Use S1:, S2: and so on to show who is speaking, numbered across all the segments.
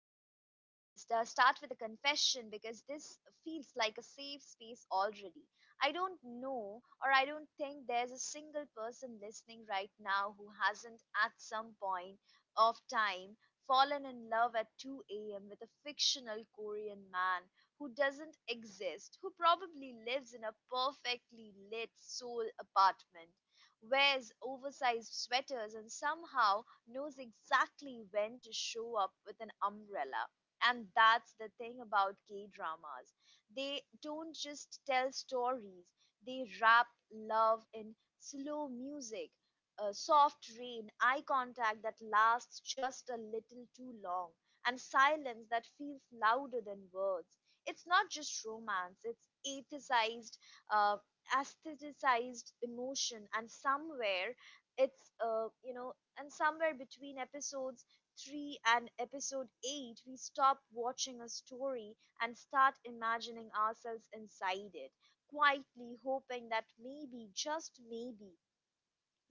S1: start with a confession because this feels like a safe space already. I don't know, or I don't think there's a single person listening right now who hasn't, at some point of time, fallen in love at 2 a.m. with a fictional Korean man who doesn't exist, who probably lives in a perfectly lit soul apartment, wears oversized sweaters, and somehow knows exactly when to show up with an umbrella. And that's the thing about K dramas. They don't just tell stories, they wrap love in slow music, a soft rain, eye contact that lasts just a little too long, and silence that feels louder than words. It's not just romance, it's uh, aestheticized emotion, and somewhere it's, you know, and somewhere between episodes 3 and episode 8, we stop watching a story and start imagining ourselves inside it, quietly hoping that maybe, just maybe,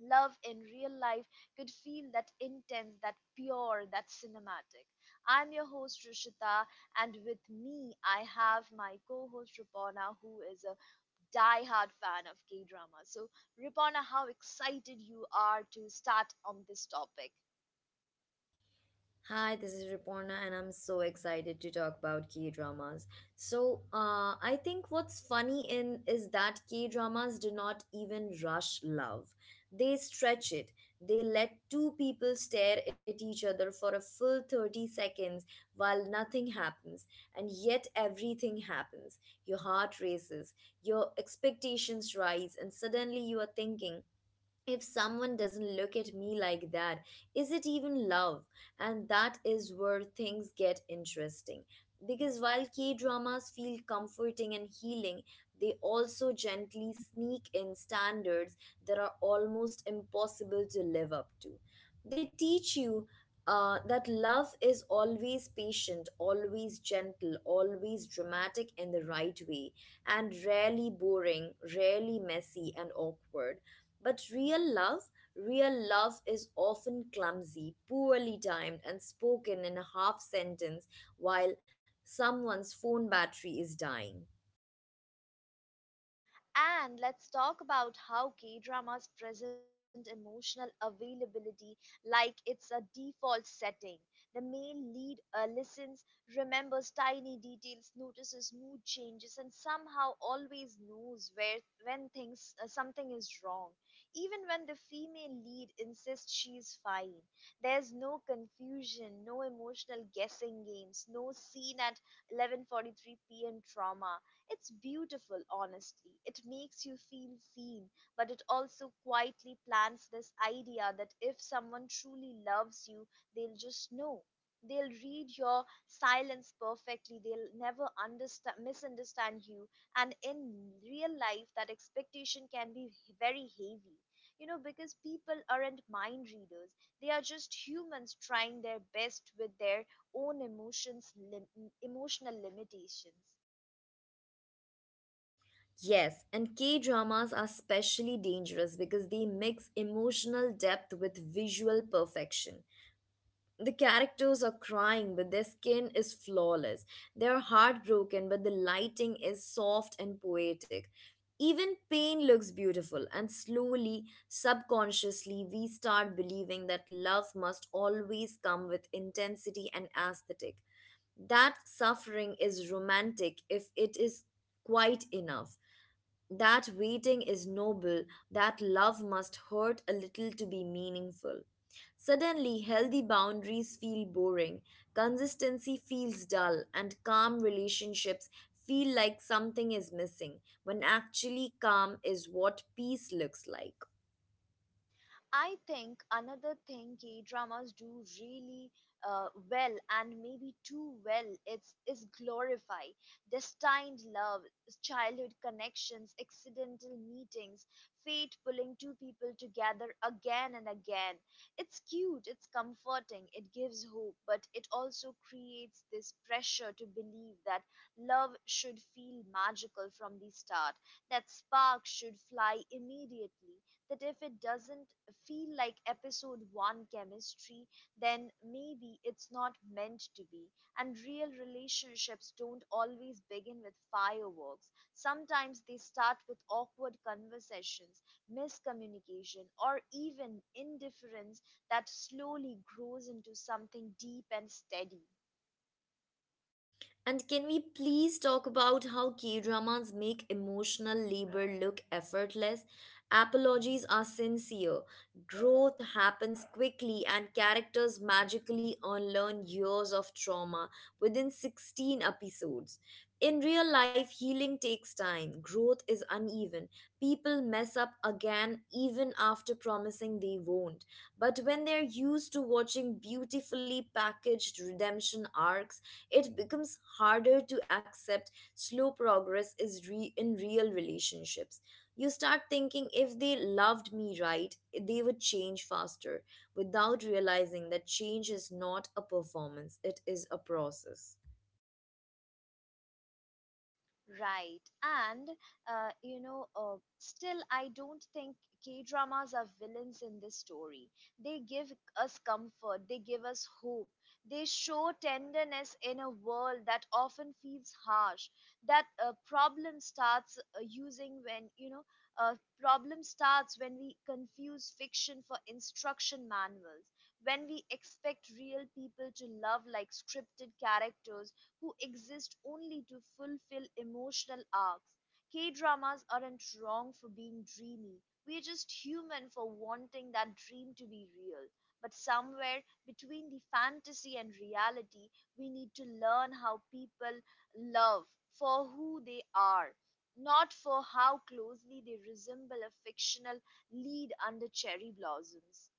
S1: love in real life could feel that intense, that pure, that cinematic. I'm your host Rishita, and with me, I have my co host Ripona, who is a die-hard fan of K drama. So, Ripona, how excited you are to start on this topic?
S2: Hi, this is Riporna, and I'm so excited to talk about K dramas. So, I think what's funny in is that K dramas do not even rush love; they stretch it. They let two people stare at each other for a full 30 seconds while nothing happens, and yet everything happens. Your heart races, your expectations rise, and suddenly you are thinking, if someone doesn't look at me like that, is it even love? And that is where things get interesting. Because while K dramas feel comforting and healing, they also gently sneak in standards that are almost impossible to live up to. They teach you that love is always patient, always gentle, always dramatic in the right way, and rarely boring, rarely messy and awkward. But real love is often clumsy, poorly timed, and spoken in a half sentence while someone's phone battery is dying.
S1: And let's talk about how K dramas present emotional availability like it's a default setting. The male lead listens, remembers tiny details, notices mood changes, and somehow always knows where when things something is wrong. Even when the female lead insists she's fine, there's no confusion, no emotional guessing games, no scene at 11:43 p.m. trauma. It's beautiful, honestly. It makes you feel seen, but it also quietly plants this idea that if someone truly loves you, they'll just know. They'll read your silence perfectly. They'll never understand, misunderstand you. And in real life, that expectation can be very heavy. You know, because people aren't mind readers, they are just humans trying their best with their own emotions, emotional limitations.
S2: Yes, and K dramas are especially dangerous because they mix emotional depth with visual perfection. The characters are crying but their skin is flawless, they're heartbroken but the lighting is soft and poetic, even pain looks beautiful, and slowly, subconsciously, we start believing that love must always come with intensity and aesthetic, that suffering is romantic if it is quite enough, that waiting is noble, that love must hurt a little to be meaningful. Suddenly, healthy boundaries feel boring, consistency feels dull, and calm relationships feel like something is missing when actually, calm is what peace looks like.
S1: I think another thing K dramas do really well, and maybe too well, it's is glorify destined love, childhood connections, accidental meetings, fate pulling two people together again and again. It's cute, it's comforting, it gives hope, but it also creates this pressure to believe that love should feel magical from the start, that spark should fly immediately, that if it doesn't feel like episode one chemistry, then maybe it's not meant to be. And real relationships don't always begin with fireworks. Sometimes they start with awkward conversations, miscommunication, or even indifference that slowly grows into something deep and steady.
S2: And can we please talk about how K dramas make emotional labor look effortless? Apologies are sincere, growth happens quickly, and characters magically unlearn years of trauma within 16 episodes. In real life, healing takes time, growth is uneven, people mess up again even after promising they won't. But when they're used to watching beautifully packaged redemption arcs, it becomes harder to accept slow progress in real relationships. You start thinking if they loved me right, they would change faster without realizing that change is not a performance, it is a process.
S1: Right. Still, I don't think K dramas are villains in this story. They give us comfort, they give us hope, they show tenderness in a world that often feels harsh. That problem starts using when, you know, uh, problem starts when we confuse fiction for instruction manuals, when we expect real people to love like scripted characters who exist only to fulfill emotional arcs. K dramas aren't wrong for being dreamy. We're just human for wanting that dream to be real. But somewhere between the fantasy and reality, we need to learn how people love for who they are, not for how closely they resemble a fictional lead under cherry blossoms.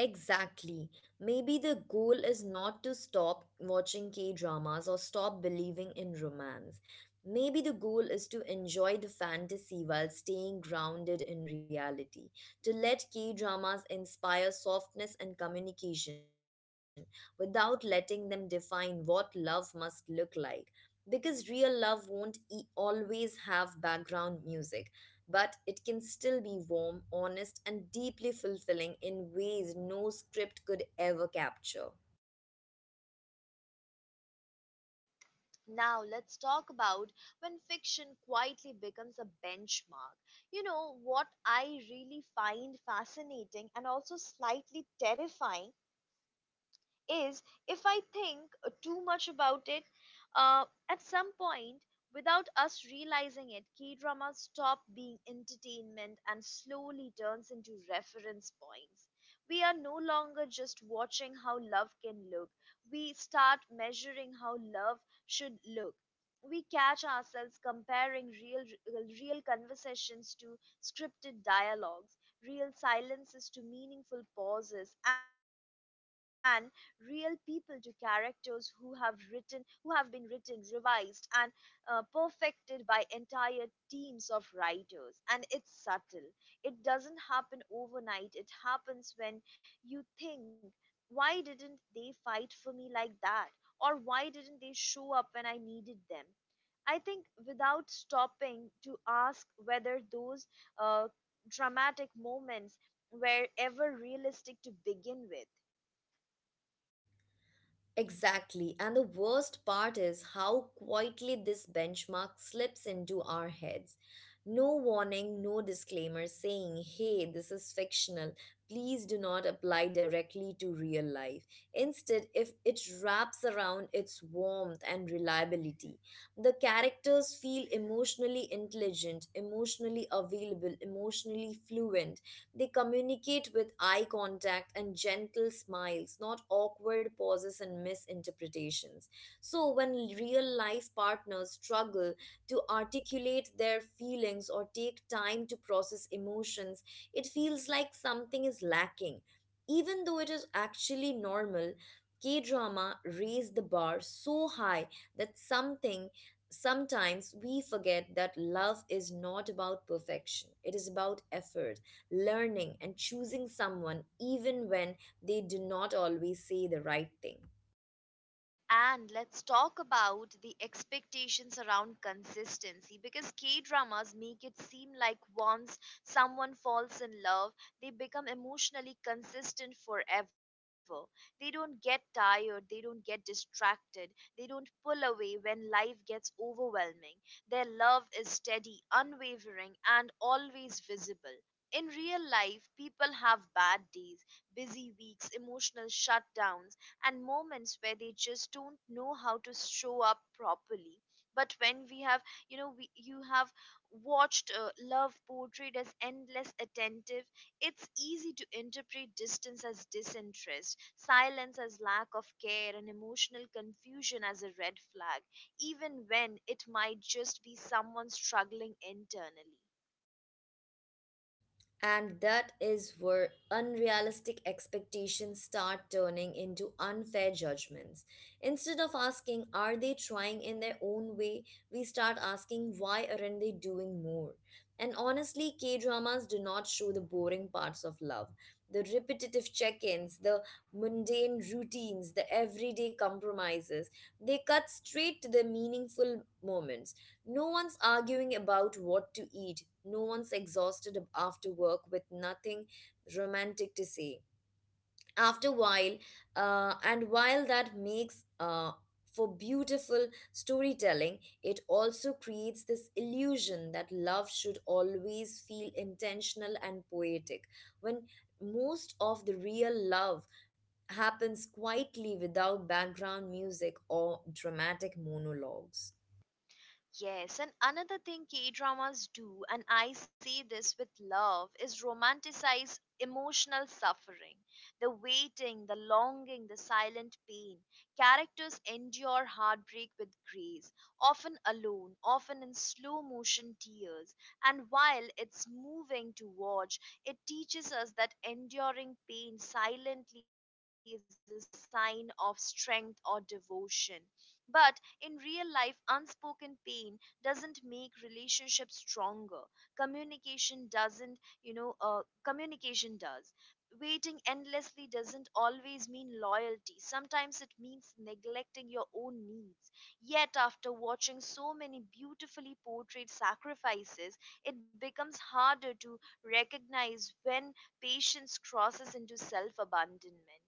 S2: Exactly. Maybe the goal is not to stop watching K dramas or stop believing in romance. Maybe the goal is to enjoy the fantasy while staying grounded in reality, to let K dramas inspire softness and communication without letting them define what love must look like. Because real love won't always have background music, but it can still be warm, honest, and deeply fulfilling in ways no script could ever capture.
S1: Now, let's talk about when fiction quietly becomes a benchmark. You know, what I really find fascinating and also slightly terrifying is, if I think too much about it, uh, at some point, without us realizing it, K dramas stop being entertainment and slowly turns into reference points. We are no longer just watching how love can look, we start measuring how love should look. We catch ourselves comparing real conversations to scripted dialogues, real silences to meaningful pauses, and real people to characters who have written who have been written, revised, and perfected by entire teams of writers. And it's subtle, it doesn't happen overnight. It happens when you think, why didn't they fight for me like that, or why didn't they show up when I needed them? I think, without stopping to ask whether those uh, dramatic moments were ever realistic to begin with.
S2: Exactly. And the worst part is how quietly this benchmark slips into our heads. No warning, no disclaimer saying, hey, this is fictional. Please do not apply directly to real life. Instead, if it wraps around its warmth and reliability, the characters feel emotionally intelligent, emotionally available, emotionally fluent, they communicate with eye contact and gentle smiles, not awkward pauses and misinterpretations. So, when real life partners struggle to articulate their feelings or take time to process emotions, it feels like something is lacking. Even though it is actually normal, K drama raised the bar so high that something, sometimes we forget that love is not about perfection, it is about effort, learning, and choosing someone even when they do not always say the right thing.
S1: And let's talk about the expectations around consistency, because K dramas make it seem like once someone falls in love, they become emotionally consistent forever. They don't get tired, they don't get distracted, they don't pull away when life gets overwhelming. Their love is steady, unwavering, and always visible. In real life, people have bad days, busy weeks, emotional shutdowns, and moments where they just don't know how to show up properly. But when we have you know we, you have watched love portrayed as endless attentive, it's easy to interpret distance as disinterest, silence as lack of care, and emotional confusion as a red flag, even when it might just be someone struggling internally.
S2: And that is where unrealistic expectations start turning into unfair judgments. Instead of asking, are they trying in their own way, we start asking, why aren't they doing more? And honestly, K dramas do not show the boring parts of love, the repetitive check ins, the mundane routines, the everyday compromises. They cut straight to the meaningful moments. No one's arguing about what to eat. No one's exhausted after work with nothing romantic to say. After while, and while that makes for beautiful storytelling, it also creates this illusion that love should always feel intentional and poetic. When most of the real love happens quietly without background music or dramatic monologues.
S1: Yes, and another thing K dramas do, and I say this with love, is romanticize emotional suffering. The waiting, the longing, the silent pain. Characters endure heartbreak with grace, often alone, often in slow motion tears. And while it's moving to watch, it teaches us that enduring pain silently is a sign of strength or devotion. But in real life, unspoken pain doesn't make relationships stronger. communication doesn't you know uh, Communication does. Waiting endlessly doesn't always mean loyalty, sometimes it means neglecting your own needs. Yet after watching so many beautifully portrayed sacrifices, it becomes harder to recognize when patience crosses into self abandonment.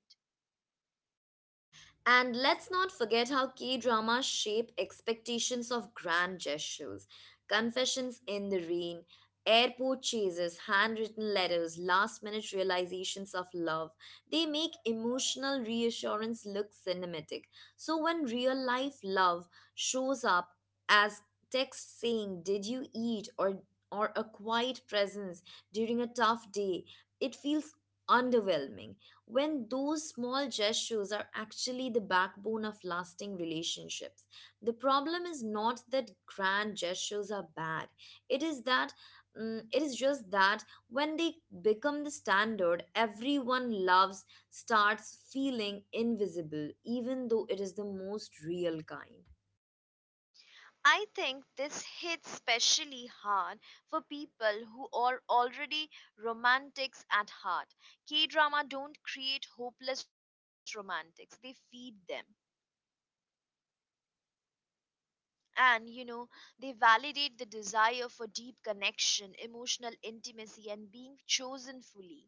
S2: And let's not forget how K dramas shape expectations of grand gestures. Confessions in the rain, airport chases, handwritten letters, last minute realizations of love. They make emotional reassurance look cinematic. So when real life love shows up as text saying, did you eat? Or a quiet presence during a tough day, it feels underwhelming when those small gestures are actually the backbone of lasting relationships. The problem is not that grand gestures are bad, it is that it is just that when they become the standard, everyone loves starts feeling invisible, even though it is the most real kind.
S1: I think this hits especially hard for people who are already romantics at heart. K drama don't create hopeless romantics, they feed them. And you know, they validate the desire for deep connection, emotional intimacy, and being chosen fully.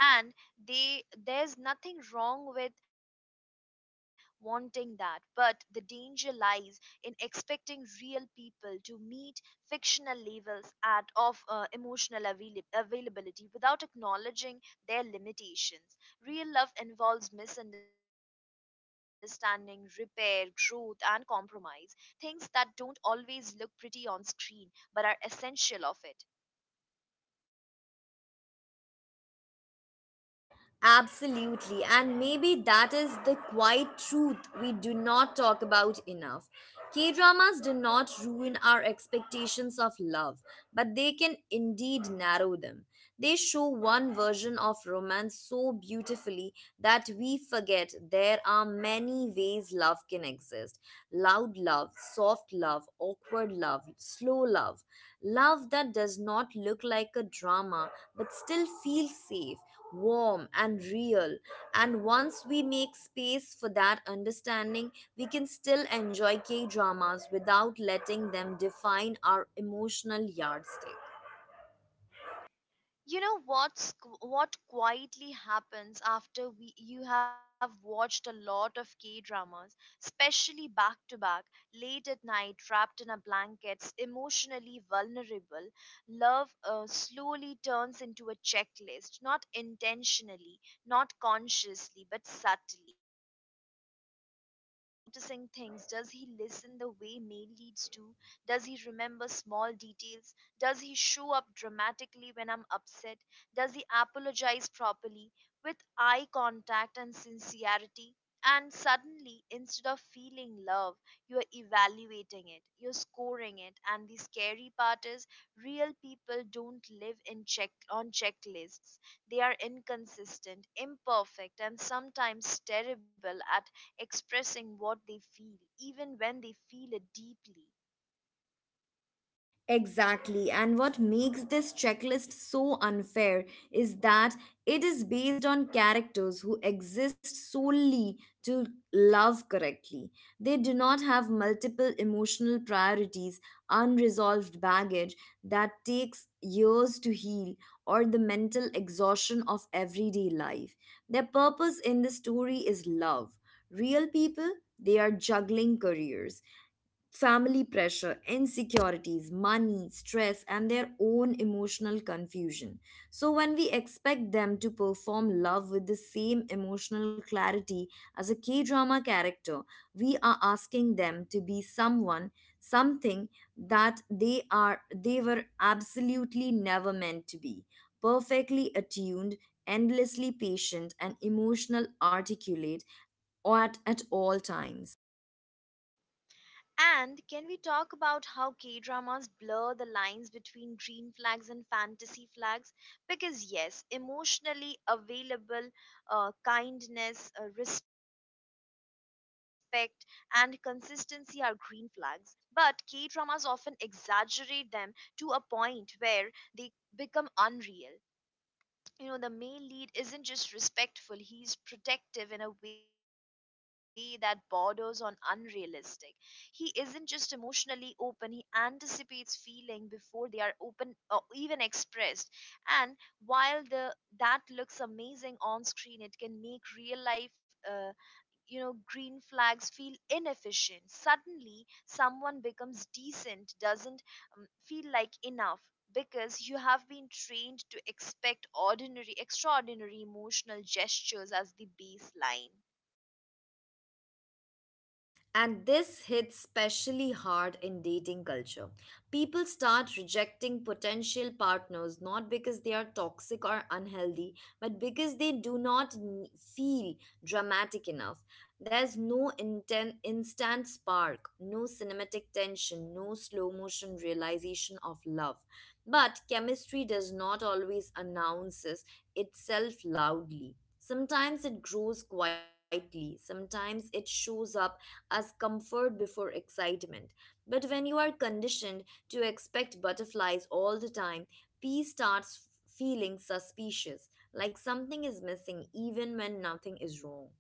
S1: And they there's nothing wrong with wanting that, but the danger lies in expecting real people to meet fictional levels at of emotional availability without acknowledging their limitations. Real love involves misunderstanding, repair, growth, and compromise. Things that don't always look pretty on screen, but are essential of it.
S2: Absolutely, and maybe that is the quiet truth we do not talk about enough. K dramas do not ruin our expectations of love, but they can indeed narrow them. They show one version of romance so beautifully that we forget there are many ways love can exist: loud love, soft love, awkward love, slow love, love that does not look like a drama but still feels safe, warm and real. And once we make space for that understanding, we can still enjoy K dramas without letting them define our emotional yardstick.
S1: You know what quietly happens after we you have watched a lot of K dramas, especially back to back, late at night, wrapped in a blanket, emotionally vulnerable. Love slowly turns into a checklist, not intentionally, not consciously, but subtly. You start noticing things. Does he listen the way mail leads do? Does he remember small details? Does he show up dramatically when I'm upset? Does he apologize properly with eye contact and sincerity? And suddenly, instead of feeling love, you're evaluating it, you're scoring it. And the scary part is, real people don't live in checklists. They are inconsistent, imperfect, and sometimes terrible at expressing what they feel, even when they feel it deeply.
S2: Exactly. And what makes this checklist so unfair is that it is based on characters who exist solely to love correctly. They do not have multiple emotional priorities, unresolved baggage that takes years to heal, or the mental exhaustion of everyday life. Their purpose in the story is love. Real people, they are juggling careers, family pressure, insecurities, money, stress, and their own emotional confusion. So, when we expect them to perform love with the same emotional clarity as a K drama character, we are asking them to be someone, something that they were absolutely never meant to be. Perfectly attuned, endlessly patient, and emotional articulate at all times.
S1: And can we talk about how K dramas blur the lines between green flags and fantasy flags? Because, yes, emotionally available, kindness, respect, and consistency are green flags. But K dramas often exaggerate them to a point where they become unreal. You know, the male lead isn't just respectful, he's protective in a way that borders on unrealistic. He isn't just emotionally open, he anticipates feeling before they are open or even expressed. And while the that looks amazing on screen, it can make real life uh, green flags feel inefficient. Suddenly someone becomes decent, doesn't feel like enough, because you have been trained to expect ordinary extraordinary emotional gestures as the baseline.
S2: And this hits specially hard in dating culture. People start rejecting potential partners not because they are toxic or unhealthy, but because they do not feel dramatic enough. There's no instant spark, no cinematic tension, no slow motion realization of love. But chemistry does not always announces itself loudly. Sometimes it grows quietly, sometimes it shows up as comfort before excitement. But when you are conditioned to expect butterflies all the time, peace starts feeling suspicious, like something is missing even when nothing is wrong.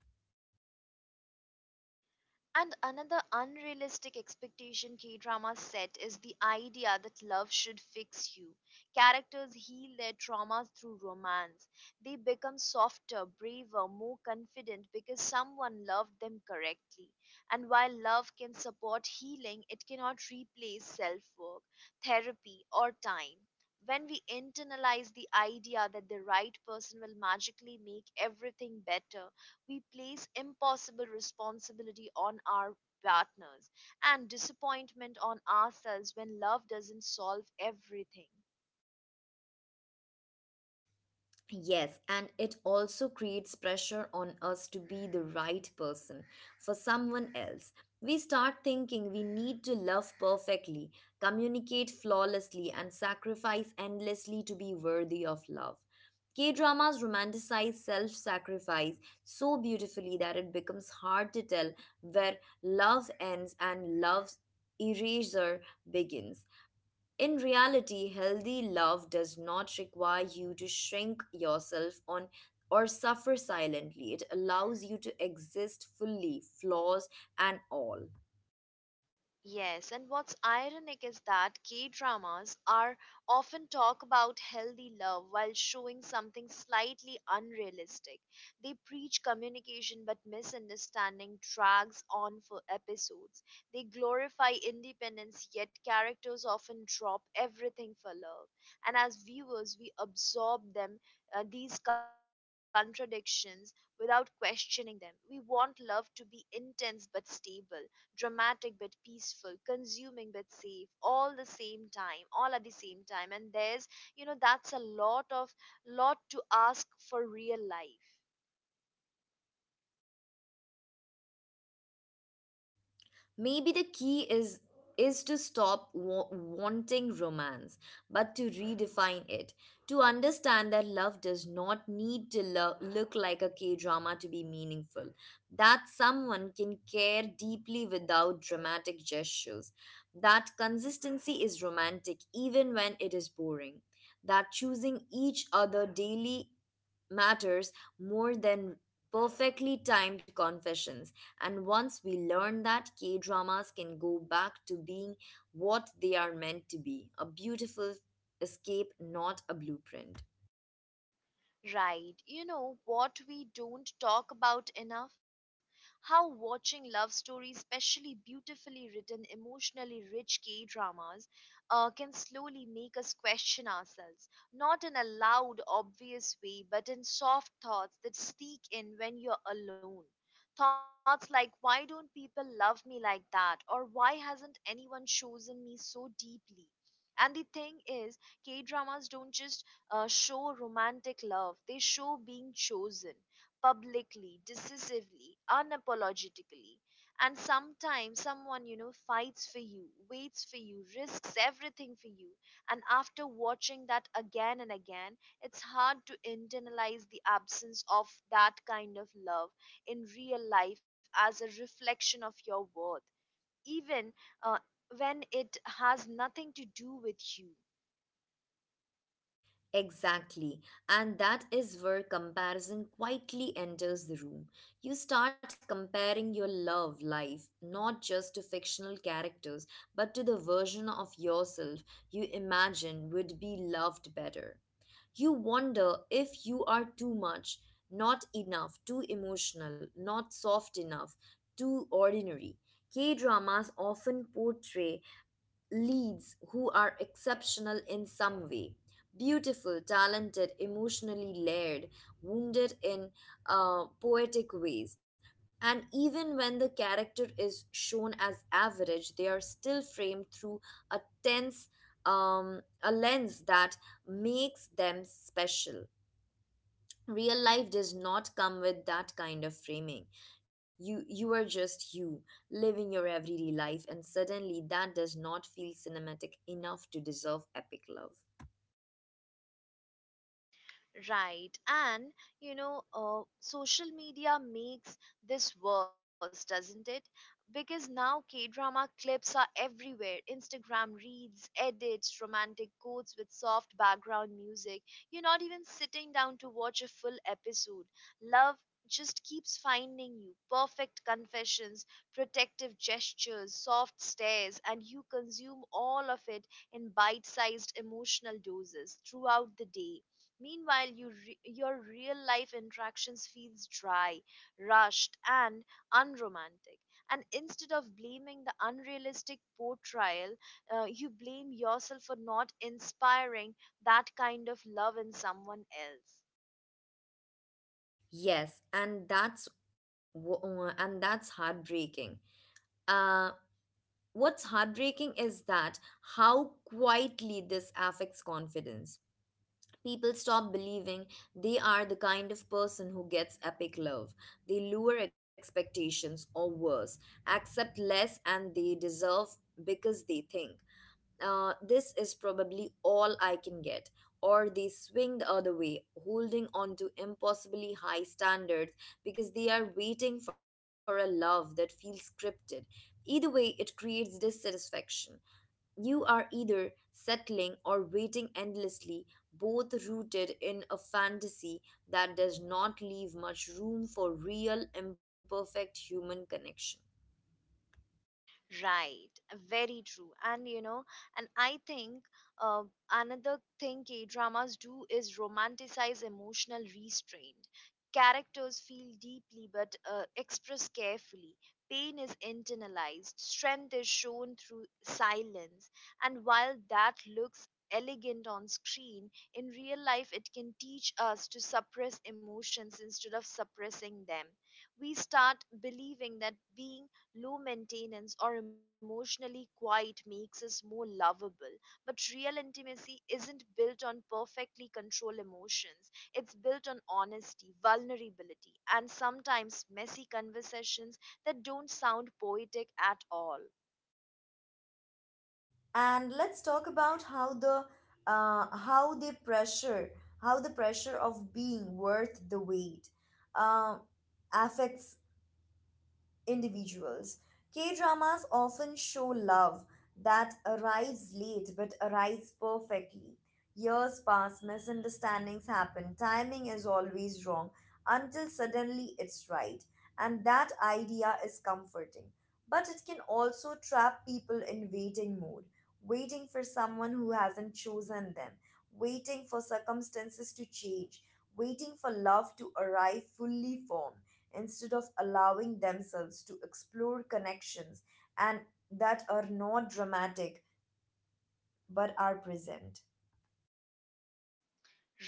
S1: And another unrealistic expectation K dramas set is the idea that love should fix you. Characters heal their traumas through romance. They become softer, braver, more confident because someone loved them correctly. And while love can support healing, it cannot replace self work, therapy, or time. When we internalize the idea that the right person will magically make everything better, we place impossible responsibility on our partners and disappointment on ourselves when love doesn't solve everything.
S2: Yes, and it also creates pressure on us to be the right person for someone else. We start thinking we need to love perfectly, communicate flawlessly, and sacrifice endlessly to be worthy of love. K dramas romanticize self sacrifice so beautifully that it becomes hard to tell where love ends and love's eraser begins. In reality, healthy love does not require you to shrink yourself on or suffer silently. It allows you to exist fully, flaws and all.
S1: Yes, and what's ironic is that K dramas are often talk about healthy love while showing something slightly unrealistic. They preach communication, but misunderstanding drags on for episodes. They glorify independence, yet characters often drop everything for love. And as viewers, we absorb them, these contradictions, without questioning them. We want love to be intense but stable, dramatic but peaceful, consuming but safe, all at the same time. And there's, you know, that's a lot to ask for real life.
S2: Maybe the key is to stop wanting romance, but to redefine it, to understand that love does not need to look like a K drama to be meaningful, that someone can care deeply without dramatic gestures, that consistency is romantic even when it is boring, that choosing each other daily matters more than perfectly timed confessions. And once we learn that, K dramas can go back to being what they are meant to be, a beautiful escape, not a blueprint.
S1: Right. You know what we don't talk about enough? How watching love stories, especially beautifully written, emotionally rich K dramas, can slowly make us question ourselves. Not in a loud, obvious way, but in soft thoughts that sneak in when you're alone. Thoughts like, why don't people love me like that? Or why hasn't anyone chosen me so deeply? And the thing is, K dramas don't just show romantic love. They show being chosen publicly, decisively, unapologetically. And sometimes someone, you know, fights for you, waits for you, risks everything for you. And after watching that again and again, it's hard to internalize the absence of that kind of love in real life as a reflection of your worth. Even uh, when it has nothing to do with you.
S2: Exactly. And that is where comparison quietly enters the room. You start comparing your love life not just to fictional characters, but to the version of yourself you imagine would be loved better. You wonder if you are too much, not enough, too emotional, not soft enough, too ordinary. K dramas often portray leads who are exceptional in some way, beautiful, talented, emotionally layered, wounded in poetic ways. And even when the character is shown as average, they are still framed through a tense, a lens that makes them special. Real life does not come with that kind of framing. You are just you, living your everyday life, and suddenly that does not feel cinematic enough to deserve epic love.
S1: Right. Social media makes this worse, doesn't it? Because now K drama clips are everywhere: Instagram reads, edits, romantic quotes with soft background music. You're not even sitting down to watch a full episode. Love just keeps finding you: perfect confessions, protective gestures, soft stares, and you consume all of it in bite sized emotional doses throughout the day. Meanwhile, your real life interactions feels dry, rushed, and unromantic. And instead of blaming the unrealistic portrayal, you blame yourself for not inspiring that kind of love in someone else.
S2: Yes, and that's heartbreaking. Uh what's heartbreaking is that how quietly this affects confidence. People stop believing they are the kind of person who gets epic love. They lower expectations, or worse, accept less and they deserve, because they think, this is probably all I can get. Or they swing the other way, holding on to impossibly high standards because they are waiting for a love that feels scripted. Either way, it creates dissatisfaction. You are either settling or waiting endlessly, both rooted in a fantasy that does not leave much room for real, imperfect human connection.
S1: Right, very true. And I think uh, another thing K dramas do is romanticize emotional restraint. Characters feel deeply but express carefully. Pain is internalized, strength is shown through silence. And while that looks elegant on screen, in real life it can teach us to suppress emotions instead of suppressing them. We start believing that being low maintenance, or emotionally quiet makes us more lovable. But real intimacy isn't built on perfectly controlled emotions, it's built on honesty, vulnerability, and sometimes messy conversations that don't sound poetic at all.
S2: And let's talk about how the pressure, of being worth the wait uh, affects individuals. K dramas often show love that arrives late but arrives perfectly. Years pass, misunderstandings happen, timing is always wrong until suddenly it's right. And that idea is comforting. But it can also trap people in waiting mode, waiting for someone who hasn't chosen them, waiting for circumstances to change, waiting for love to arrive fully formed instead of allowing themselves to explore connections and that are not dramatic but are present.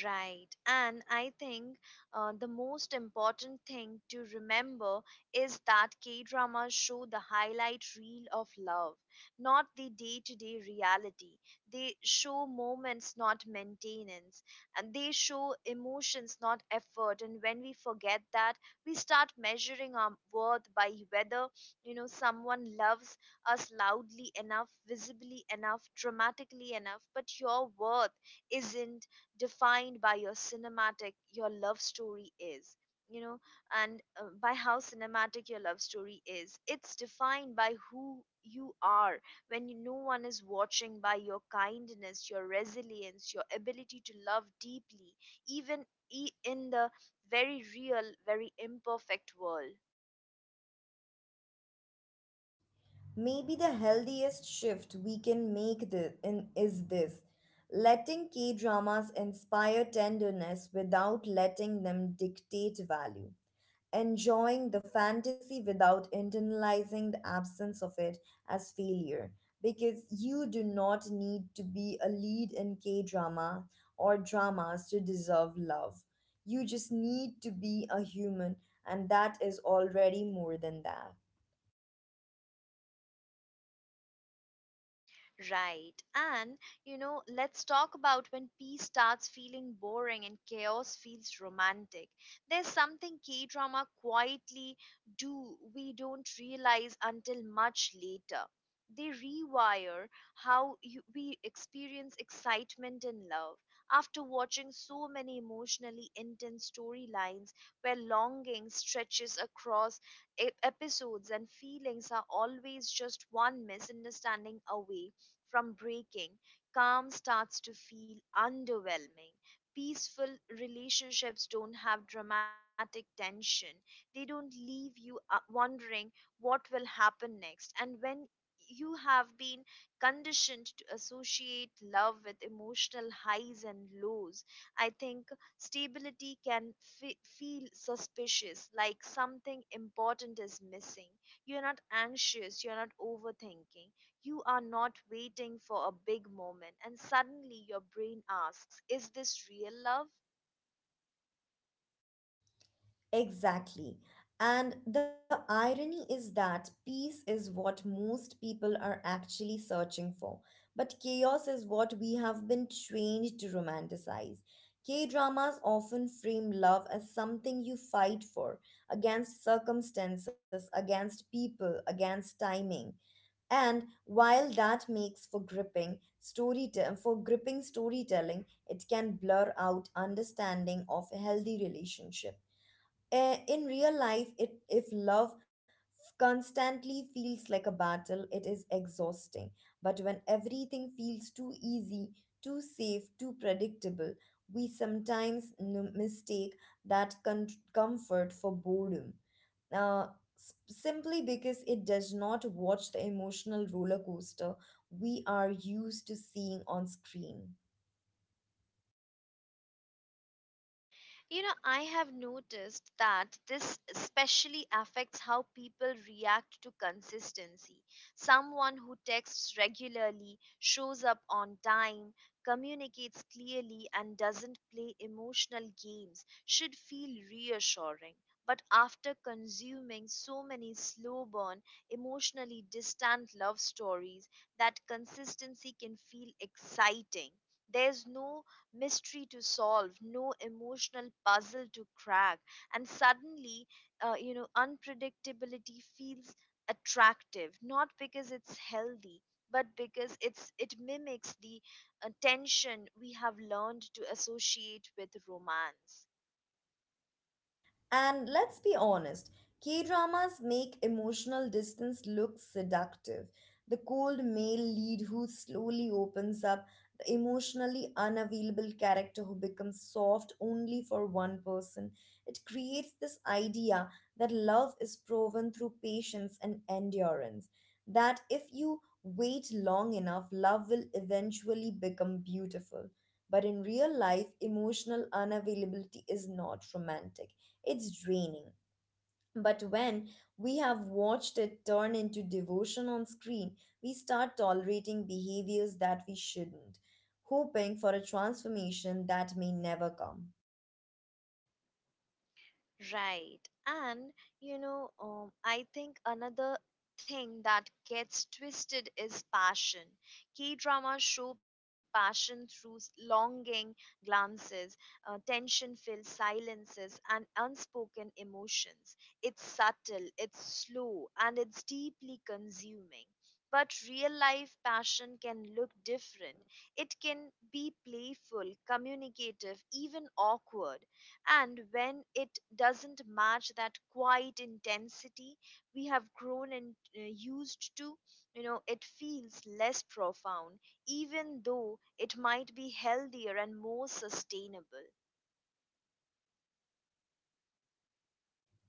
S1: Right. And I think the most important thing to remember is that K dramas show the highlight reel of love, not the day to day reality. They show moments, not maintenance. And they show emotions, not effort. And when we forget that, we start measuring our worth by whether, someone loves us loudly enough, visibly enough, dramatically enough. But your worth isn't defined by your cinematic your love story is you know and by how cinematic your love story is. It's defined by who you are when no one is watching, by your kindness, your resilience, your ability to love deeply, even in the very real, very imperfect world.
S2: Maybe the healthiest shift we can make this in is this: letting K dramas inspire tenderness without letting them dictate value, enjoying the fantasy without internalizing the absence of it as failure, because you do not need to be a lead in K drama or dramas to deserve love. You just need to be a human, and that is already more than that.
S1: Right. And let's talk about when peace starts feeling boring and chaos feels romantic. There's something K drama quietly do we don't realize until much later. They rewire how we experience excitement and love. After watching so many emotionally intense storylines where longing stretches across episodes and feelings are always just one misunderstanding away from breaking, calm starts to feel underwhelming. Peaceful relationships don't have dramatic tension, they don't leave you wondering what will happen next. And when you have been conditioned to associate love with emotional highs and lows, I think stability can feel suspicious, like something important is missing. You're not anxious, you're not overthinking, you are not waiting for a big moment, and suddenly your brain asks, is this real love?
S2: Exactly. And the irony is that peace is what most people are actually searching for, but chaos is what we have been trained to romanticize. K dramas often frame love as something you fight for, against circumstances, against people, against timing. And while that makes for gripping storytelling, it can blur out understanding of healthy relationships. In real life it if love constantly feels like a battle, it is exhausting, but when everything feels too easy, too safe, too predictable, we sometimes mistake that comfort for boredom, uh, simply because it does not watch the emotional roller coaster we are used to seeing on screen.
S1: You know, I have noticed that this especially affects how people react to consistency. Someone who texts regularly, shows up on time, communicates clearly, and doesn't play emotional games should feel reassuring. But after consuming so many slow burn, emotionally distant love stories, that consistency can feel exciting. There's no mystery to solve, no emotional puzzle to crack, and suddenly, unpredictability feels attractive, not because it's healthy, but because it mimics the tension we have learned to associate with romance.
S2: And let's be honest, K dramas make emotional distance look seductive. The cold male lead who slowly opens up, the emotionally unavailable character who becomes soft only for one person. It creates this idea that love is proven through patience and endurance. That if you wait long enough, love will eventually become beautiful. But in real life, emotional unavailability is not romantic. It's draining. But when we have watched it turn into devotion on screen, we start tolerating behaviors that we shouldn't, hoping for a transformation that may never come.
S1: Right. And I think another thing that gets twisted is passion. Key dramas show passion through longing glances, tension filled silences, and unspoken emotions. It's subtle, it's slow, and it's deeply consuming. But real life passion can look different. It can be playful, communicative, even awkward, and when it doesn't match that quiet intensity we have grown and used to, it feels less profound, even though it might be healthier and more sustainable.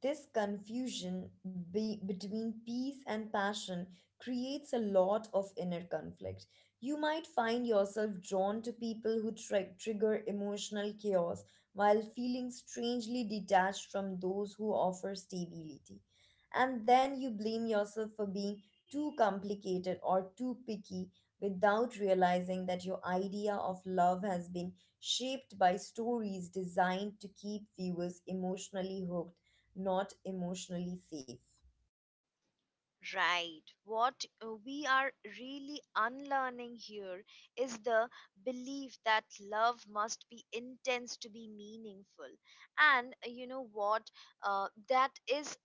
S2: This confusion between peace and passion creates a lot of inner conflict. You might find yourself drawn to people who trigger emotional chaos while feeling strangely detached from those who offer stability. And then you blame yourself for being too complicated or too picky without realizing that your idea of love has been shaped by stories designed to keep viewers emotionally hooked, not emotionally safe.
S1: Right. What we are really unlearning here is the belief that love must be intense to be meaningful. And you know what? That is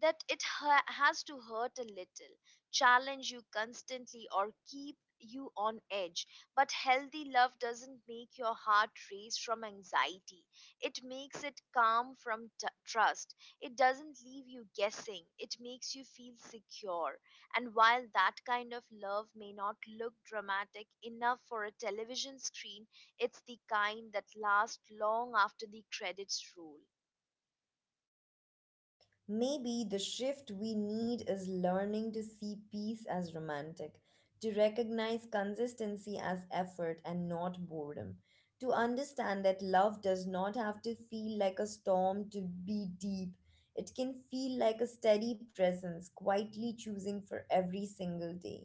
S1: that it has to hurt a little, challenge you constantly, or keep you on edge. But healthy love doesn't make your heart race from anxiety, it makes it calm from trust. It doesn't leave you guessing, it makes you feel secure. And while that kind of love may not look dramatic enough for a television screen, it's the kind that lasts long after the credits roll.
S2: Maybe the shift we need is learning to see peace as romantic, to recognize consistency as effort and not boredom, to understand that love does not have to feel like a storm to be deep. It can feel like a steady presence, quietly choosing for every single day.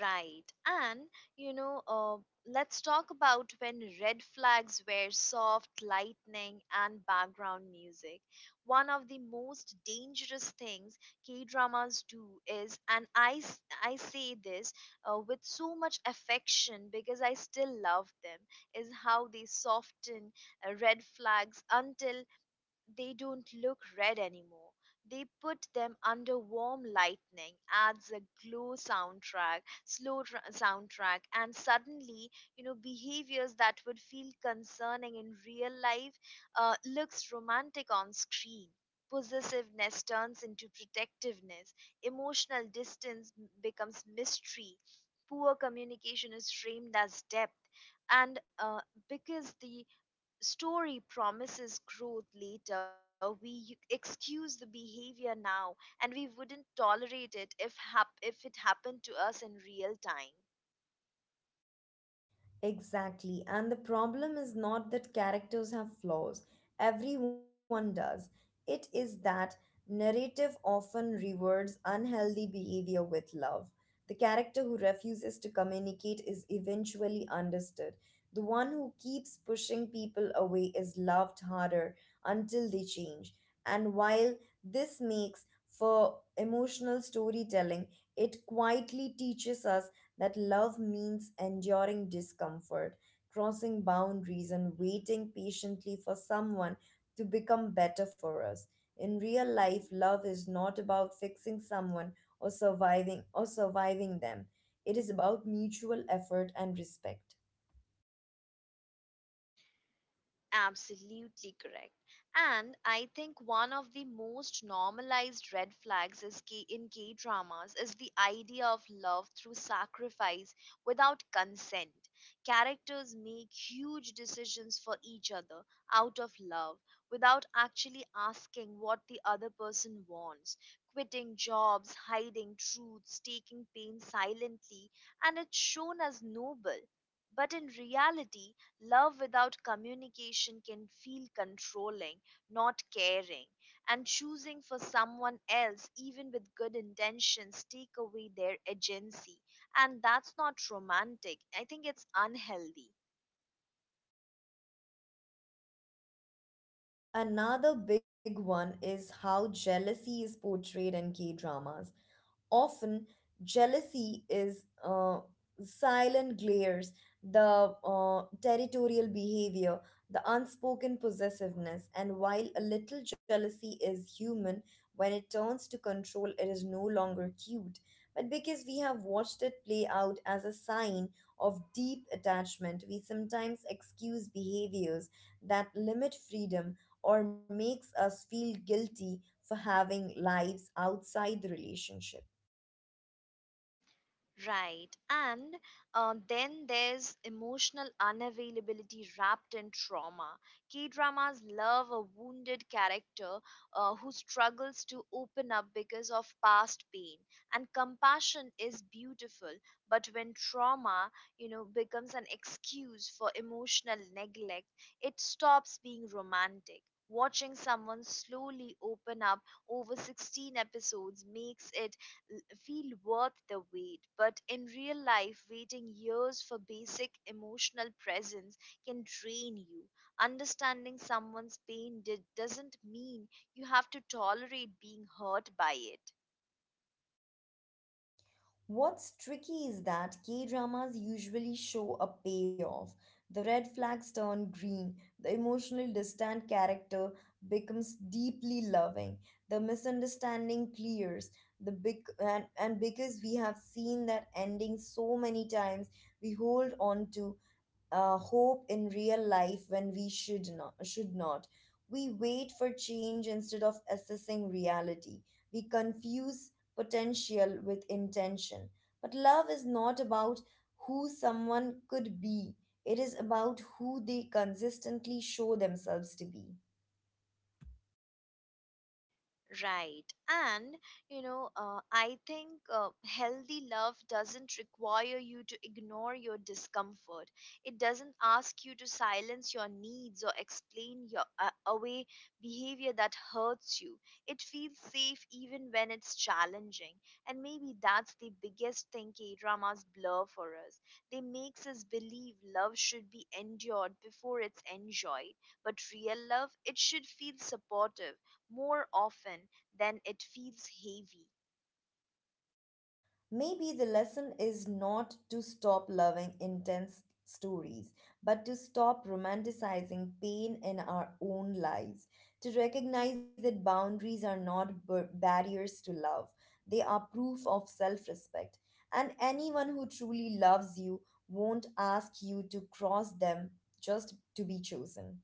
S1: Right. And, you know, uh, let's talk about when red flags were soft, lightning, and background music. One of the most dangerous things K dramas do is, and I say this with so much affection because I still love them, is how they soften red flags until they don't look red anymore. They put them under warm lightning, adds a glow soundtrack, soundtrack, and suddenly, behaviors that would feel concerning in real life looks romantic on screen. Possessiveness turns into protectiveness. Emotional distance becomes mystery. Poor communication is framed as depth, and because the story promises growth later, we excuse the behavior now, and we wouldn't tolerate it if if it happened to us in real time.
S2: Exactly. And the problem is not that characters have flaws, everyone does. It is that narrative often rewards unhealthy behavior with love. The character who refuses to communicate is eventually understood. The one who keeps pushing people away is loved harder until they change. And while this makes for emotional storytelling, it quietly teaches us that love means enduring discomfort, crossing boundaries, and waiting patiently for someone to become better for us. In real life, love is not about fixing someone or surviving them. It is about mutual effort and respect.
S1: Absolutely correct. And I think one of the most normalized red flags is in K dramas is the idea of love through sacrifice without consent. Characters make huge decisions for each other out of love without actually asking what the other person wants. Quitting jobs, hiding truths, taking pain silently, and it's shown as noble. But in reality, love without communication can feel controlling, not caring, and choosing for someone else, even with good intentions, take away their agency. And that's not romantic. I think it's unhealthy.
S2: Another big one is how jealousy is portrayed in K dramas. Often jealousy is silent glares, the territorial behavior, the unspoken possessiveness. And while a little jealousy is human, when it turns to control it is no longer cute, but because we have watched it play out as a sign of deep attachment, we sometimes excuse behaviors that limit freedom or makes us feel guilty for having lives outside the relationship.
S1: Right. And then there's emotional unavailability wrapped in trauma. K dramas love a wounded character who struggles to open up because of past pain. And compassion is beautiful, but when trauma, becomes an excuse for emotional neglect, it stops being romantic. Watching someone slowly open up over 16 episodes makes it feel worth the wait. But in real life, waiting years for basic emotional presence can drain you. Understanding someone's pain doesn't mean you have to tolerate being hurt by it.
S2: What's tricky is that K dramas usually show a payoff. The red flags turn green, the emotionally distant character becomes deeply loving, the misunderstanding clears, the big and because we have seen that ending so many times, we hold on to hope in real life when we should not. We wait for change instead of assessing reality. We confuse potential with intention. But love is not about who someone could be, it is about who they consistently show themselves to be.
S1: Right. And I think healthy love doesn't require you to ignore your discomfort. It doesn't ask you to silence your needs or explain your away behavior that hurts you. It feels safe even when it's challenging. And maybe that's the biggest thing K-dramas blur for us. They makes us believe love should be endured before it's enjoyed. But real love, it should feel supportive more often than it feels heavy.
S2: Maybe the lesson is not to stop loving intense stories, but to stop romanticizing pain in our own lives, to recognize that boundaries are not barriers to love, they are proof of self respect. And anyone who truly loves you won't ask you to cross them just to be chosen.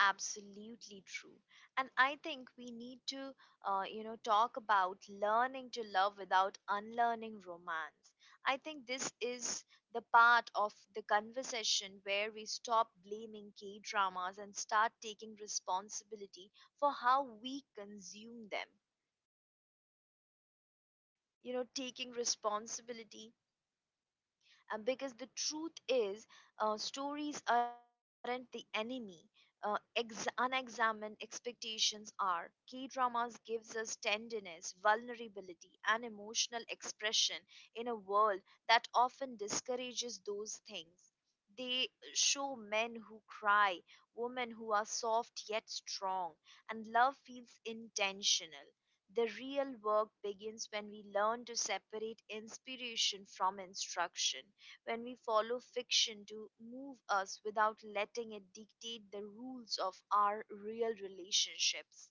S1: Absolutely true, and I think we need to talk about learning to love without unlearning romance. I think this is the part of the conversation where we stop blaming K dramas and start taking responsibility for how we consume them. You know, taking responsibility, because the truth is, stories aren't the enemy. Unexamined expectations are. K dramas gives us tenderness, vulnerability, and emotional expression in a world that often discourages those things. They show men who cry, women who are soft yet strong, and love feels intentional. The real work begins when we learn to separate inspiration from instruction, when we follow fiction to move us without letting it dictate the rules of our real relationships.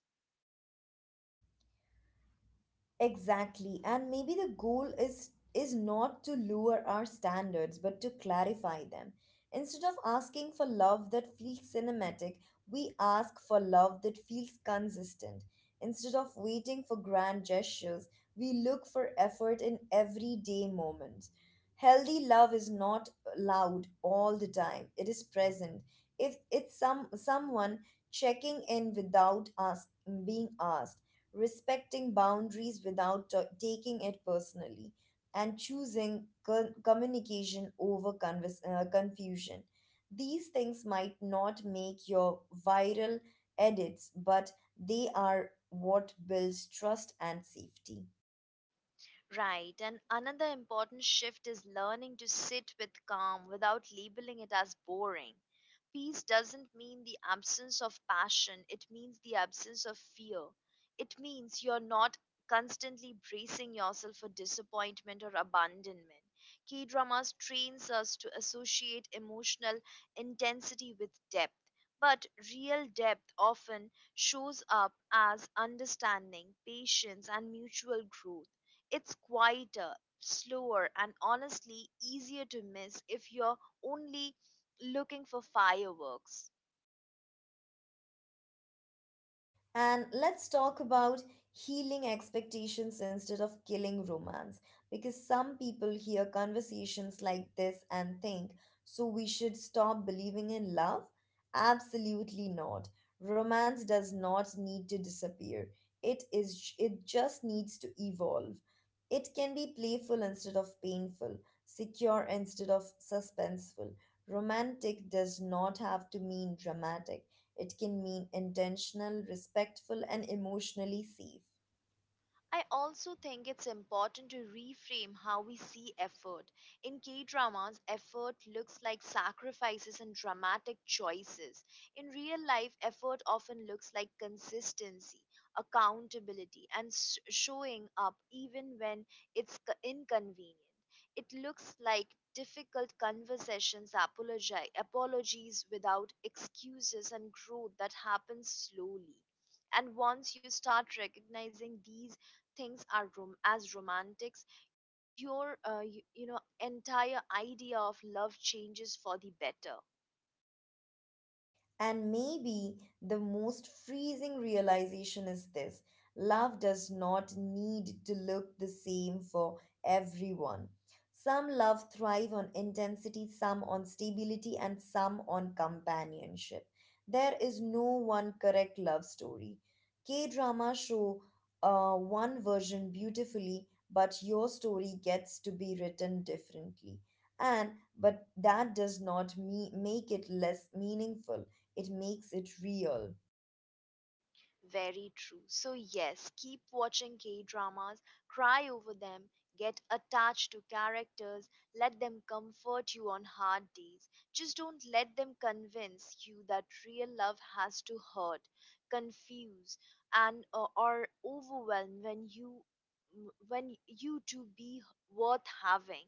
S2: Exactly. And maybe the goal is not to lower our standards but to clarify them. Instead of asking for love that feels cinematic, we ask for love that feels consistent. Instead of waiting for grand gestures, we look for effort in everyday moments. Healthy love is not loud all the time. It is present. If it's some someone checking in without us being asked, respecting boundaries without taking it personally, and choosing communication over confusion. These things might not make your viral edits, but they are what builds trust and safety.
S1: Right, and another important shift is learning to sit with calm without labeling it as boring. Peace doesn't mean the absence of passion, it means the absence of fear. It means you're not constantly bracing yourself for disappointment or abandonment. K dramas trains us to associate emotional intensity with depth. But real depth often shows up as understanding, patience, and mutual growth. It's quieter, slower, and honestly easier to miss if you're only looking for fireworks.
S2: And let's talk about healing expectations instead of killing romance. Because some people hear conversations like this and think, so we should stop believing in love? Absolutely not. Romance does not need to disappear. It just needs to evolve. It can be playful instead of painful, secure instead of suspenseful. Romantic does not have to mean dramatic. It can mean intentional, respectful, and emotionally safe.
S1: I also think it's important to reframe how we see effort. In K dramas, effort looks like sacrifices and dramatic choices. In real life, effort often looks like consistency, accountability, and showing up even when it's inconvenient. It looks like difficult conversations, apologies without excuses, and growth that happens slowly. And once you start recognizing these things as romantics, you know, entire idea of love changes for the better.
S2: And maybe the most freezing realization is this: love does not need to look the same for everyone. Some love thrive on intensity, some on stability, and some on companionship. There is no one correct love story. K drama show one version beautifully, but your story gets to be written differently. And but that does not make it less meaningful, it makes it real.
S1: Very true. So, yes, keep watching K dramas, cry over them, get attached to characters, let them comfort you on hard days. Just don't let them convince you that real love has to hurt, confuse, and or overwhelm when you to be worth having.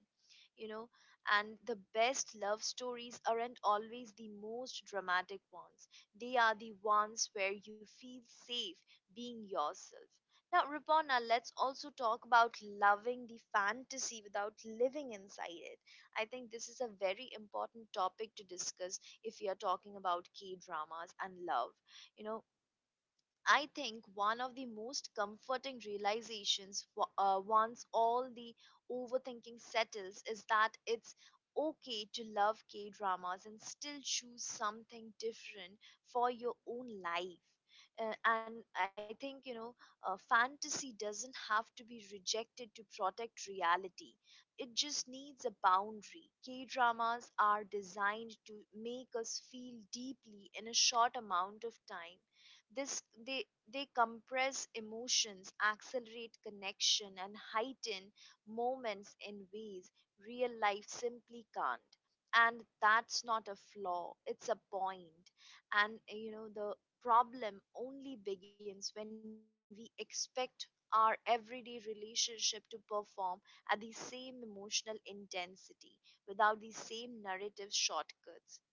S1: You know, and the best love stories aren't always the most dramatic ones, they are the ones where you feel safe being yourself. Now, Ripona, let's also talk about loving the fantasy without living inside it. I think this is a very important topic to discuss if we are talking about K dramas and love. You know, I think one of the most comforting realizations once all the overthinking settles is that it's okay to love K dramas and still choose something different for your own life. And I think, you know, fantasy doesn't have to be rejected to protect reality. It just needs a boundary. K dramas are designed to make us feel deeply in a short amount of time. This they they compress emotions, accelerate connection, and heighten moments in ways real life simply can't. And that's not a flaw; it's a point. And you know, the problem only begins when we expect our everyday relationship to perform at the same emotional intensity without the same narrative shortcuts.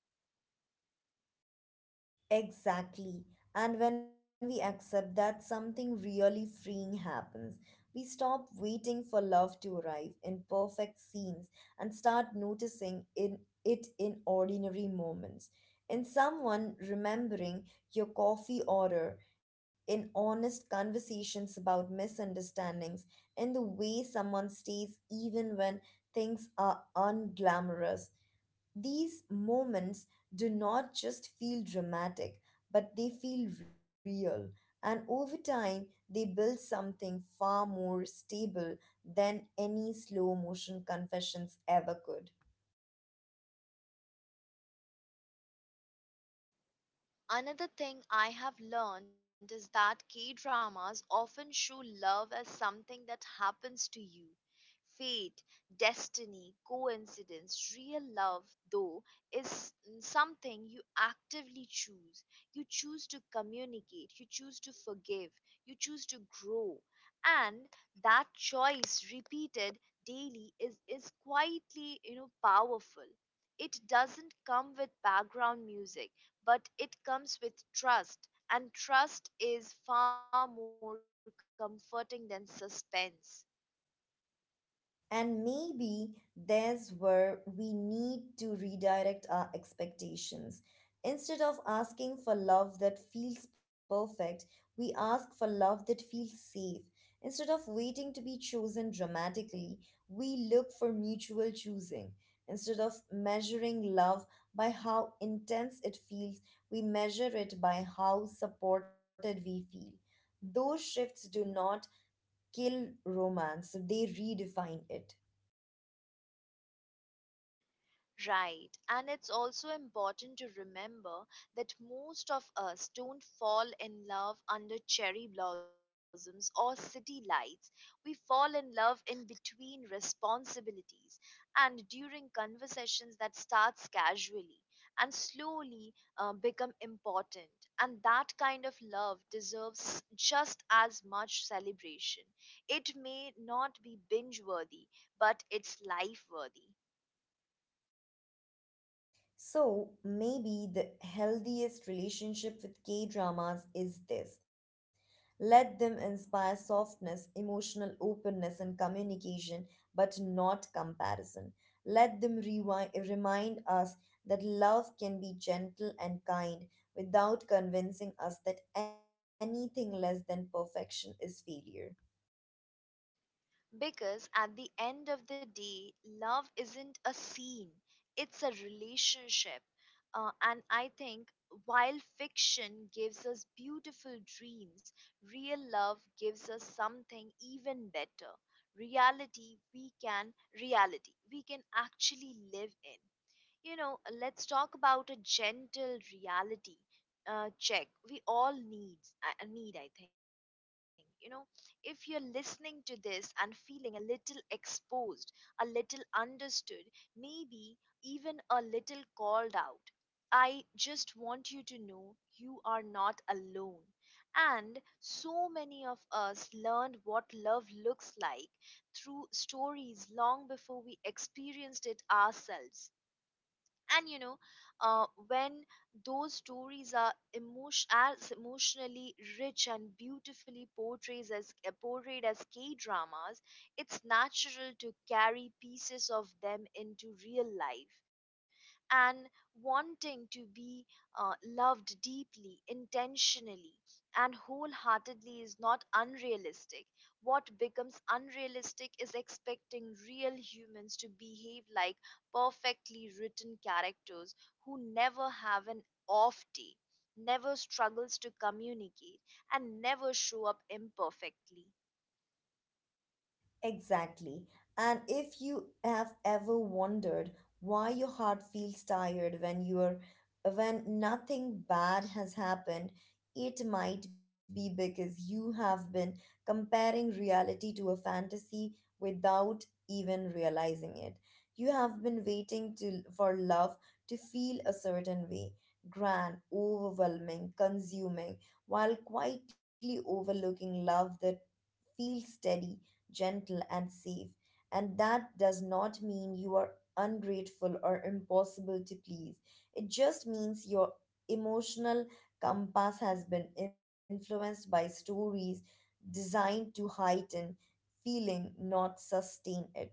S2: Exactly. And when we accept that, something really freeing happens. We stop waiting for love to arrive in perfect scenes and start noticing in it in ordinary moments. In someone remembering your coffee order, in honest conversations about misunderstandings, in the way someone stays even when things are unglamorous. These moments do not just feel dramatic, but they feel real. And over time, they build something far more stable than any slow motion confessions ever could.
S1: Another thing I have learned is that K dramas often show love as something that happens to you. Fate, destiny, coincidence, real love, though, is something you actively choose. You choose to communicate, you choose to forgive, you choose to grow. And that choice repeated daily is quietly, you know, powerful. It doesn't come with background music, but it comes with trust, and trust is far more comforting than suspense.
S2: And maybe there's where we need to redirect our expectations. Instead of asking for love that feels perfect, we ask for love that feels safe. Instead of waiting to be chosen dramatically, we look for mutual choosing. Instead of measuring love by how intense it feels, we measure it by how supported we feel. Those shifts do not kill romance, they redefine it.
S1: Right, and it's also important to remember that most of us don't fall in love under cherry blossoms or city lights. We fall in love in between responsibilities and during conversations that starts casually and slowly become important. And that kind of love deserves just as much celebration. It may not be binge worthy, but it's life worthy.
S2: So maybe the healthiest relationship with K dramas is this. Let them inspire softness, emotional openness, and communication, but not comparison. Let them remind us that love can be gentle and kind without convincing us that anything less than perfection is failure.
S1: Because at the end of the day, love isn't a scene, it's a relationship. And I think while fiction gives us beautiful dreams, real love gives us something even better. Reality we can reality we can actually live in. You know, let's talk about a gentle reality check we all need need. I think, you know, if you're listening to this and feeling a little exposed, a little understood, maybe even a little called out, I just want you to know you are not alone, and so many of us learned what love looks like through stories long before we experienced it ourselves. And you know, when those stories are emotion as emotionally rich and beautifully portrays as portrayed as K dramas, it's natural to carry pieces of them into real life. And wanting to be loved deeply, intentionally, and wholeheartedly is not unrealistic. What becomes unrealistic is expecting real humans to behave like perfectly written characters who never have an off day, never struggles to communicate, and never show up imperfectly.
S2: Exactly. And if you have ever wondered why your heart feels tired when you're when nothing bad has happened, it might be because you have been comparing reality to a fantasy without even realizing it. You have been for love to feel a certain way, grand, overwhelming, consuming, while quietly overlooking love that feels steady, gentle, and safe. And that does not mean you are ungrateful or impossible to please. It just means your emotional compass has been influenced by stories designed to heighten feeling, not sustain it.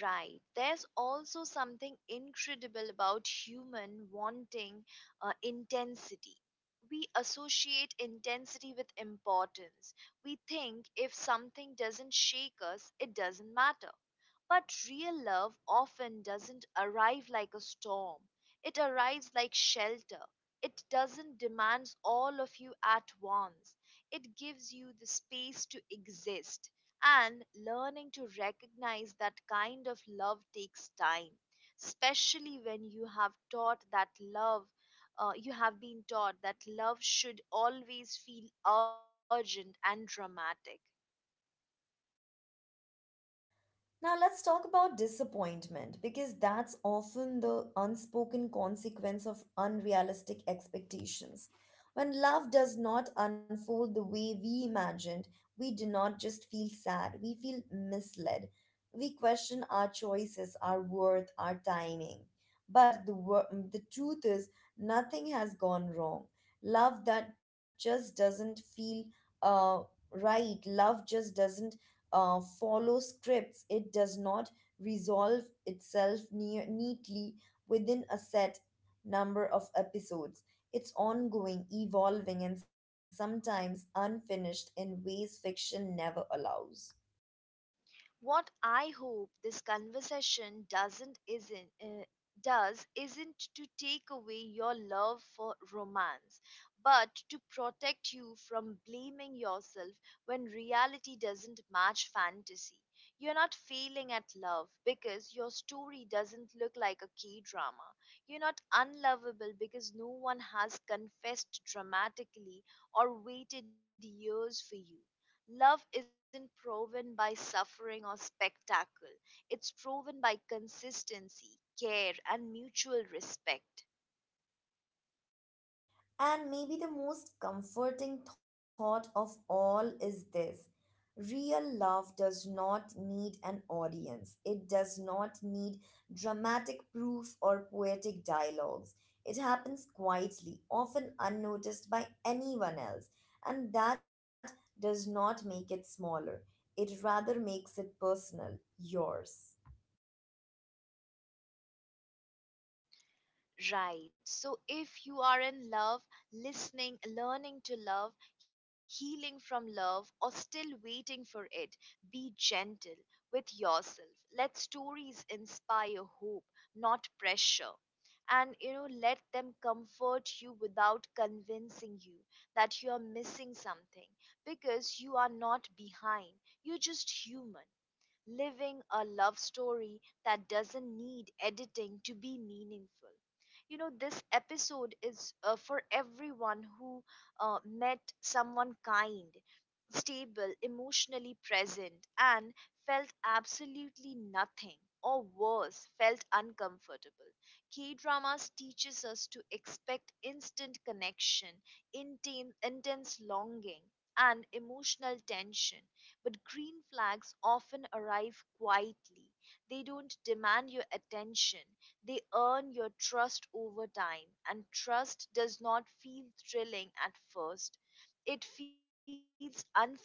S1: Right. There's also something incredible about human wanting intensity. We associate intensity with importance. We think if something doesn't shake us, it doesn't matter. But real love often doesn't arrive like a storm, it arrives like shelter. It doesn't demand all of you at once. It gives you the space to exist. And learning to recognize that kind of love takes time, especially when you have taught that love, you have been taught that love should always feel urgent and dramatic.
S2: Now, let's talk about disappointment because that's often the unspoken consequence of unrealistic expectations. When love does not unfold the way we imagined, we do not just feel sad, we feel misled. We question our choices, our worth, our timing. But the truth is, nothing has gone wrong. Love that just doesn't feel uh, right, love just doesn't follow scripts. It does not resolve itself neatly within a set number of episodes. It's ongoing, evolving, and sometimes unfinished in ways fiction never allows.
S1: What I hope this conversation doesn't isn't does isn't to take away your love for romance, but to protect you from blaming yourself when reality doesn't match fantasy. You're not failing at love because your story doesn't look like a K drama. You're not unlovable because no one has confessed dramatically or waited years for you. Love isn't proven by suffering or spectacle, it's proven by consistency, care, and mutual respect.
S2: And maybe the most comforting thought of all is this: real love does not need an audience, it does not need dramatic proof or poetic dialogues. It happens quietly, often unnoticed by anyone else, and that does not make it smaller. It rather makes it personal, yours.
S1: Right. So if you are in love, listening, learning to love, healing from love, or still waiting for it, be gentle with yourself. Let stories inspire hope, not pressure. And you know, let them comfort you without convincing you that you are missing something, because you are not behind. You're just human living a love story that doesn't need editing to be meaningful. You know, this episode is for everyone who met someone kind, stable, emotionally present, and felt absolutely nothing. Or worse, felt uncomfortable. K dramas teaches us to expect instant connection, intense longing, and emotional tension, but green flags often arrive quietly. They don't demand your attention, they earn your trust over time. And trust does not feel thrilling at first, it feels unfamiliar.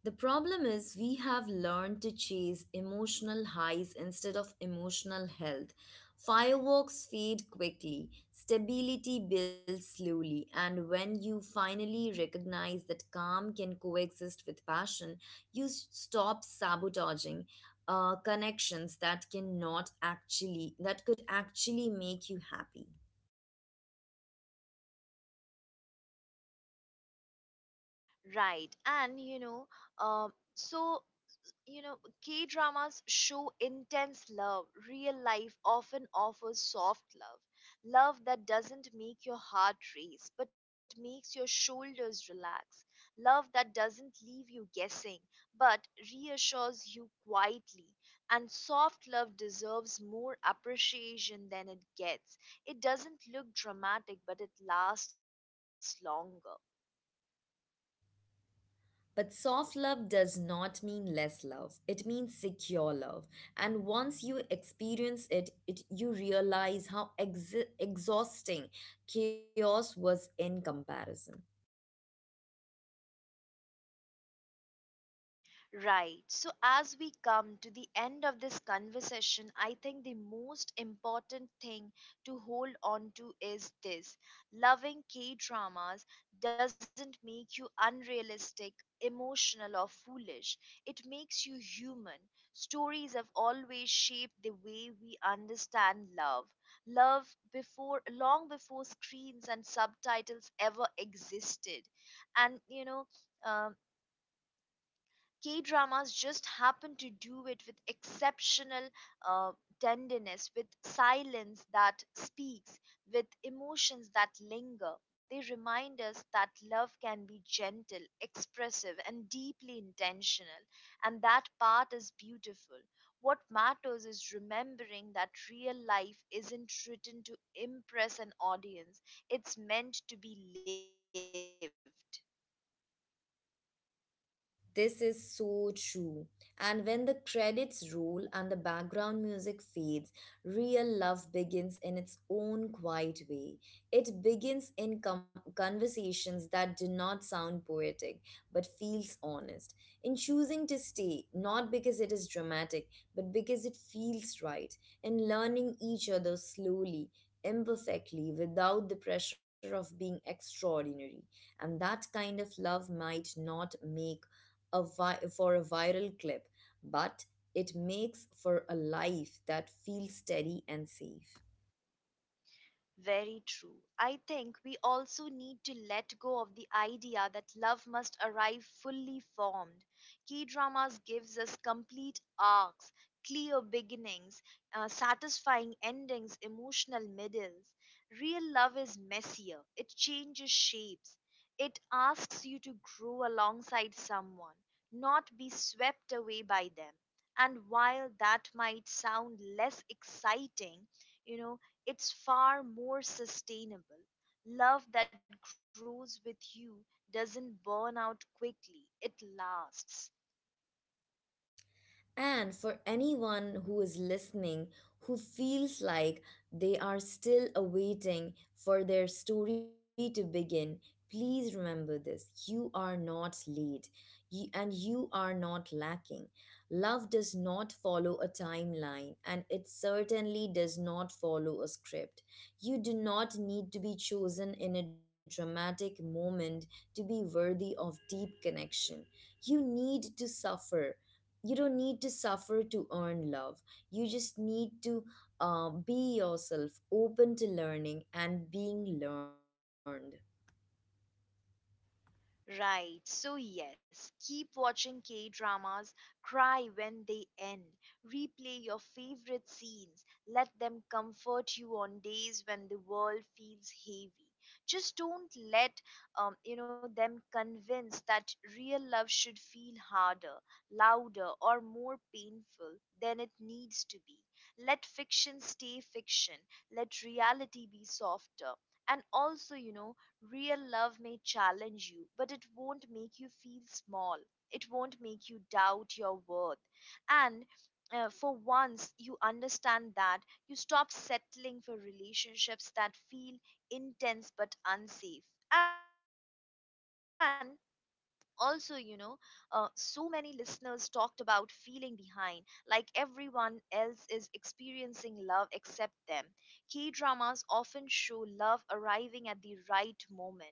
S2: The problem is, we have learned to chase emotional highs instead of emotional health. Fireworks fade quickly, stability builds slowly, and when you finally recognize that calm can coexist with passion, you stop sabotaging connections that cannot actually that could actually make you happy.
S1: Right. And you know, so, you know, K dramas show intense love. Real life often offers soft love. Love that doesn't make your heart race, but makes your shoulders relax. Love that doesn't leave you guessing, but reassures you quietly. And soft love deserves more appreciation than it gets. It doesn't look dramatic, but it lasts longer.
S2: But soft love does not mean less love. It means secure love. And once you experience it, you realize how exhausting chaos was in comparison.
S1: Right. So, as we come to the end of this conversation, I think the most important thing to hold on to is this: loving K dramas doesn't make you unrealistic, emotional, or foolish. It makes you human. Stories have always shaped the way we understand love. Love before long before screens and subtitles ever existed. And you know, um, K dramas just happen to do it with exceptional uh, tenderness, with silence that speaks, with emotions that linger. They remind us that love can be gentle, expressive, and deeply intentional, and that part is beautiful. What matters is remembering that real life isn't written to impress an audience, it's meant to be lived.
S2: This is so true. And when the credits roll and the background music fades, real love begins in its own quiet way. It begins in conversations that do not sound poetic but feels honest. In choosing to stay, not because it is dramatic, but because it feels right. In learning each other slowly, imperfectly, without the pressure of being extraordinary. And that kind of love might not make for a viral clip, but it makes for a life that feels steady and safe.
S1: Very true. I think we also need to let go of the idea that love must arrive fully formed. Key dramas gives us complete arcs, clear beginnings, satisfying endings, emotional middles. Real love is messier. It changes shapes. It asks you to grow alongside someone, not be swept away by them. And while that might sound less exciting, you know, it's far more sustainable. Love that grows with you doesn't burn out quickly, it lasts.
S2: And for anyone who is listening who feels like they are still awaiting for their story to begin, please remember this: you are not late you, and you are not lacking. Love does not follow a timeline, and it certainly does not follow a script. You do not need to be chosen in a dramatic moment to be worthy of deep connection. You need to suffer you don't need to suffer to earn love. You just need to be yourself, open to learning and being learned.
S1: Right, so yes, keep watching K dramas, cry when they end, replay your favorite scenes, let them comfort you on days when the world feels heavy. Just don't let you know them convince that real love should feel harder, louder, or more painful than it needs to be. Let fiction stay fiction, let reality be softer. And also, you know, real love may challenge you, but it won't make you feel small. It won't make you doubt your worth. And for once you understand that, you stop settling for relationships that feel intense but unsafe. And also, you know, so many listeners talked about feeling behind, like everyone else is experiencing love except them. K dramas often show love arriving at the right moment,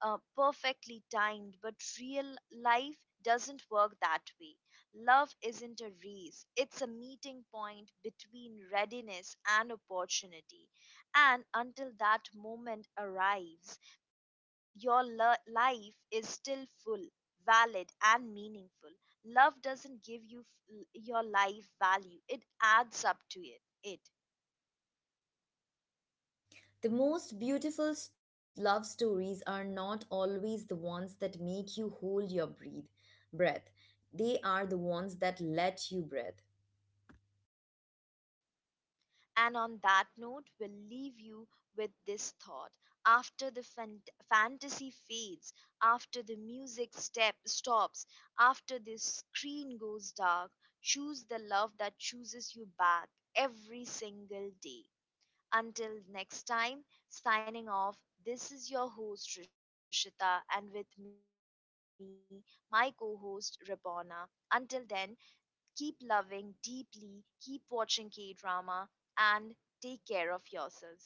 S1: perfectly timed, but real life doesn't work that way. Love isn't a race, it's a meeting point between readiness and opportunity. And until that moment arrives, life is still full, valid, and meaningful. Love doesn't give your life value, it adds up to it.
S2: The most beautiful love stories are not always the ones that make you breath. They are the ones that let you breathe.
S1: And on that note, we'll leave you with this thought. After the fantasy fades, after the music step stops, after the screen goes dark, choose the love that chooses you back every single day. Until next time, signing off, this is your host Rishita, and with me, my co host Ribona. Until then, keep loving deeply, keep watching K drama, and take care of yourselves. Goodbye.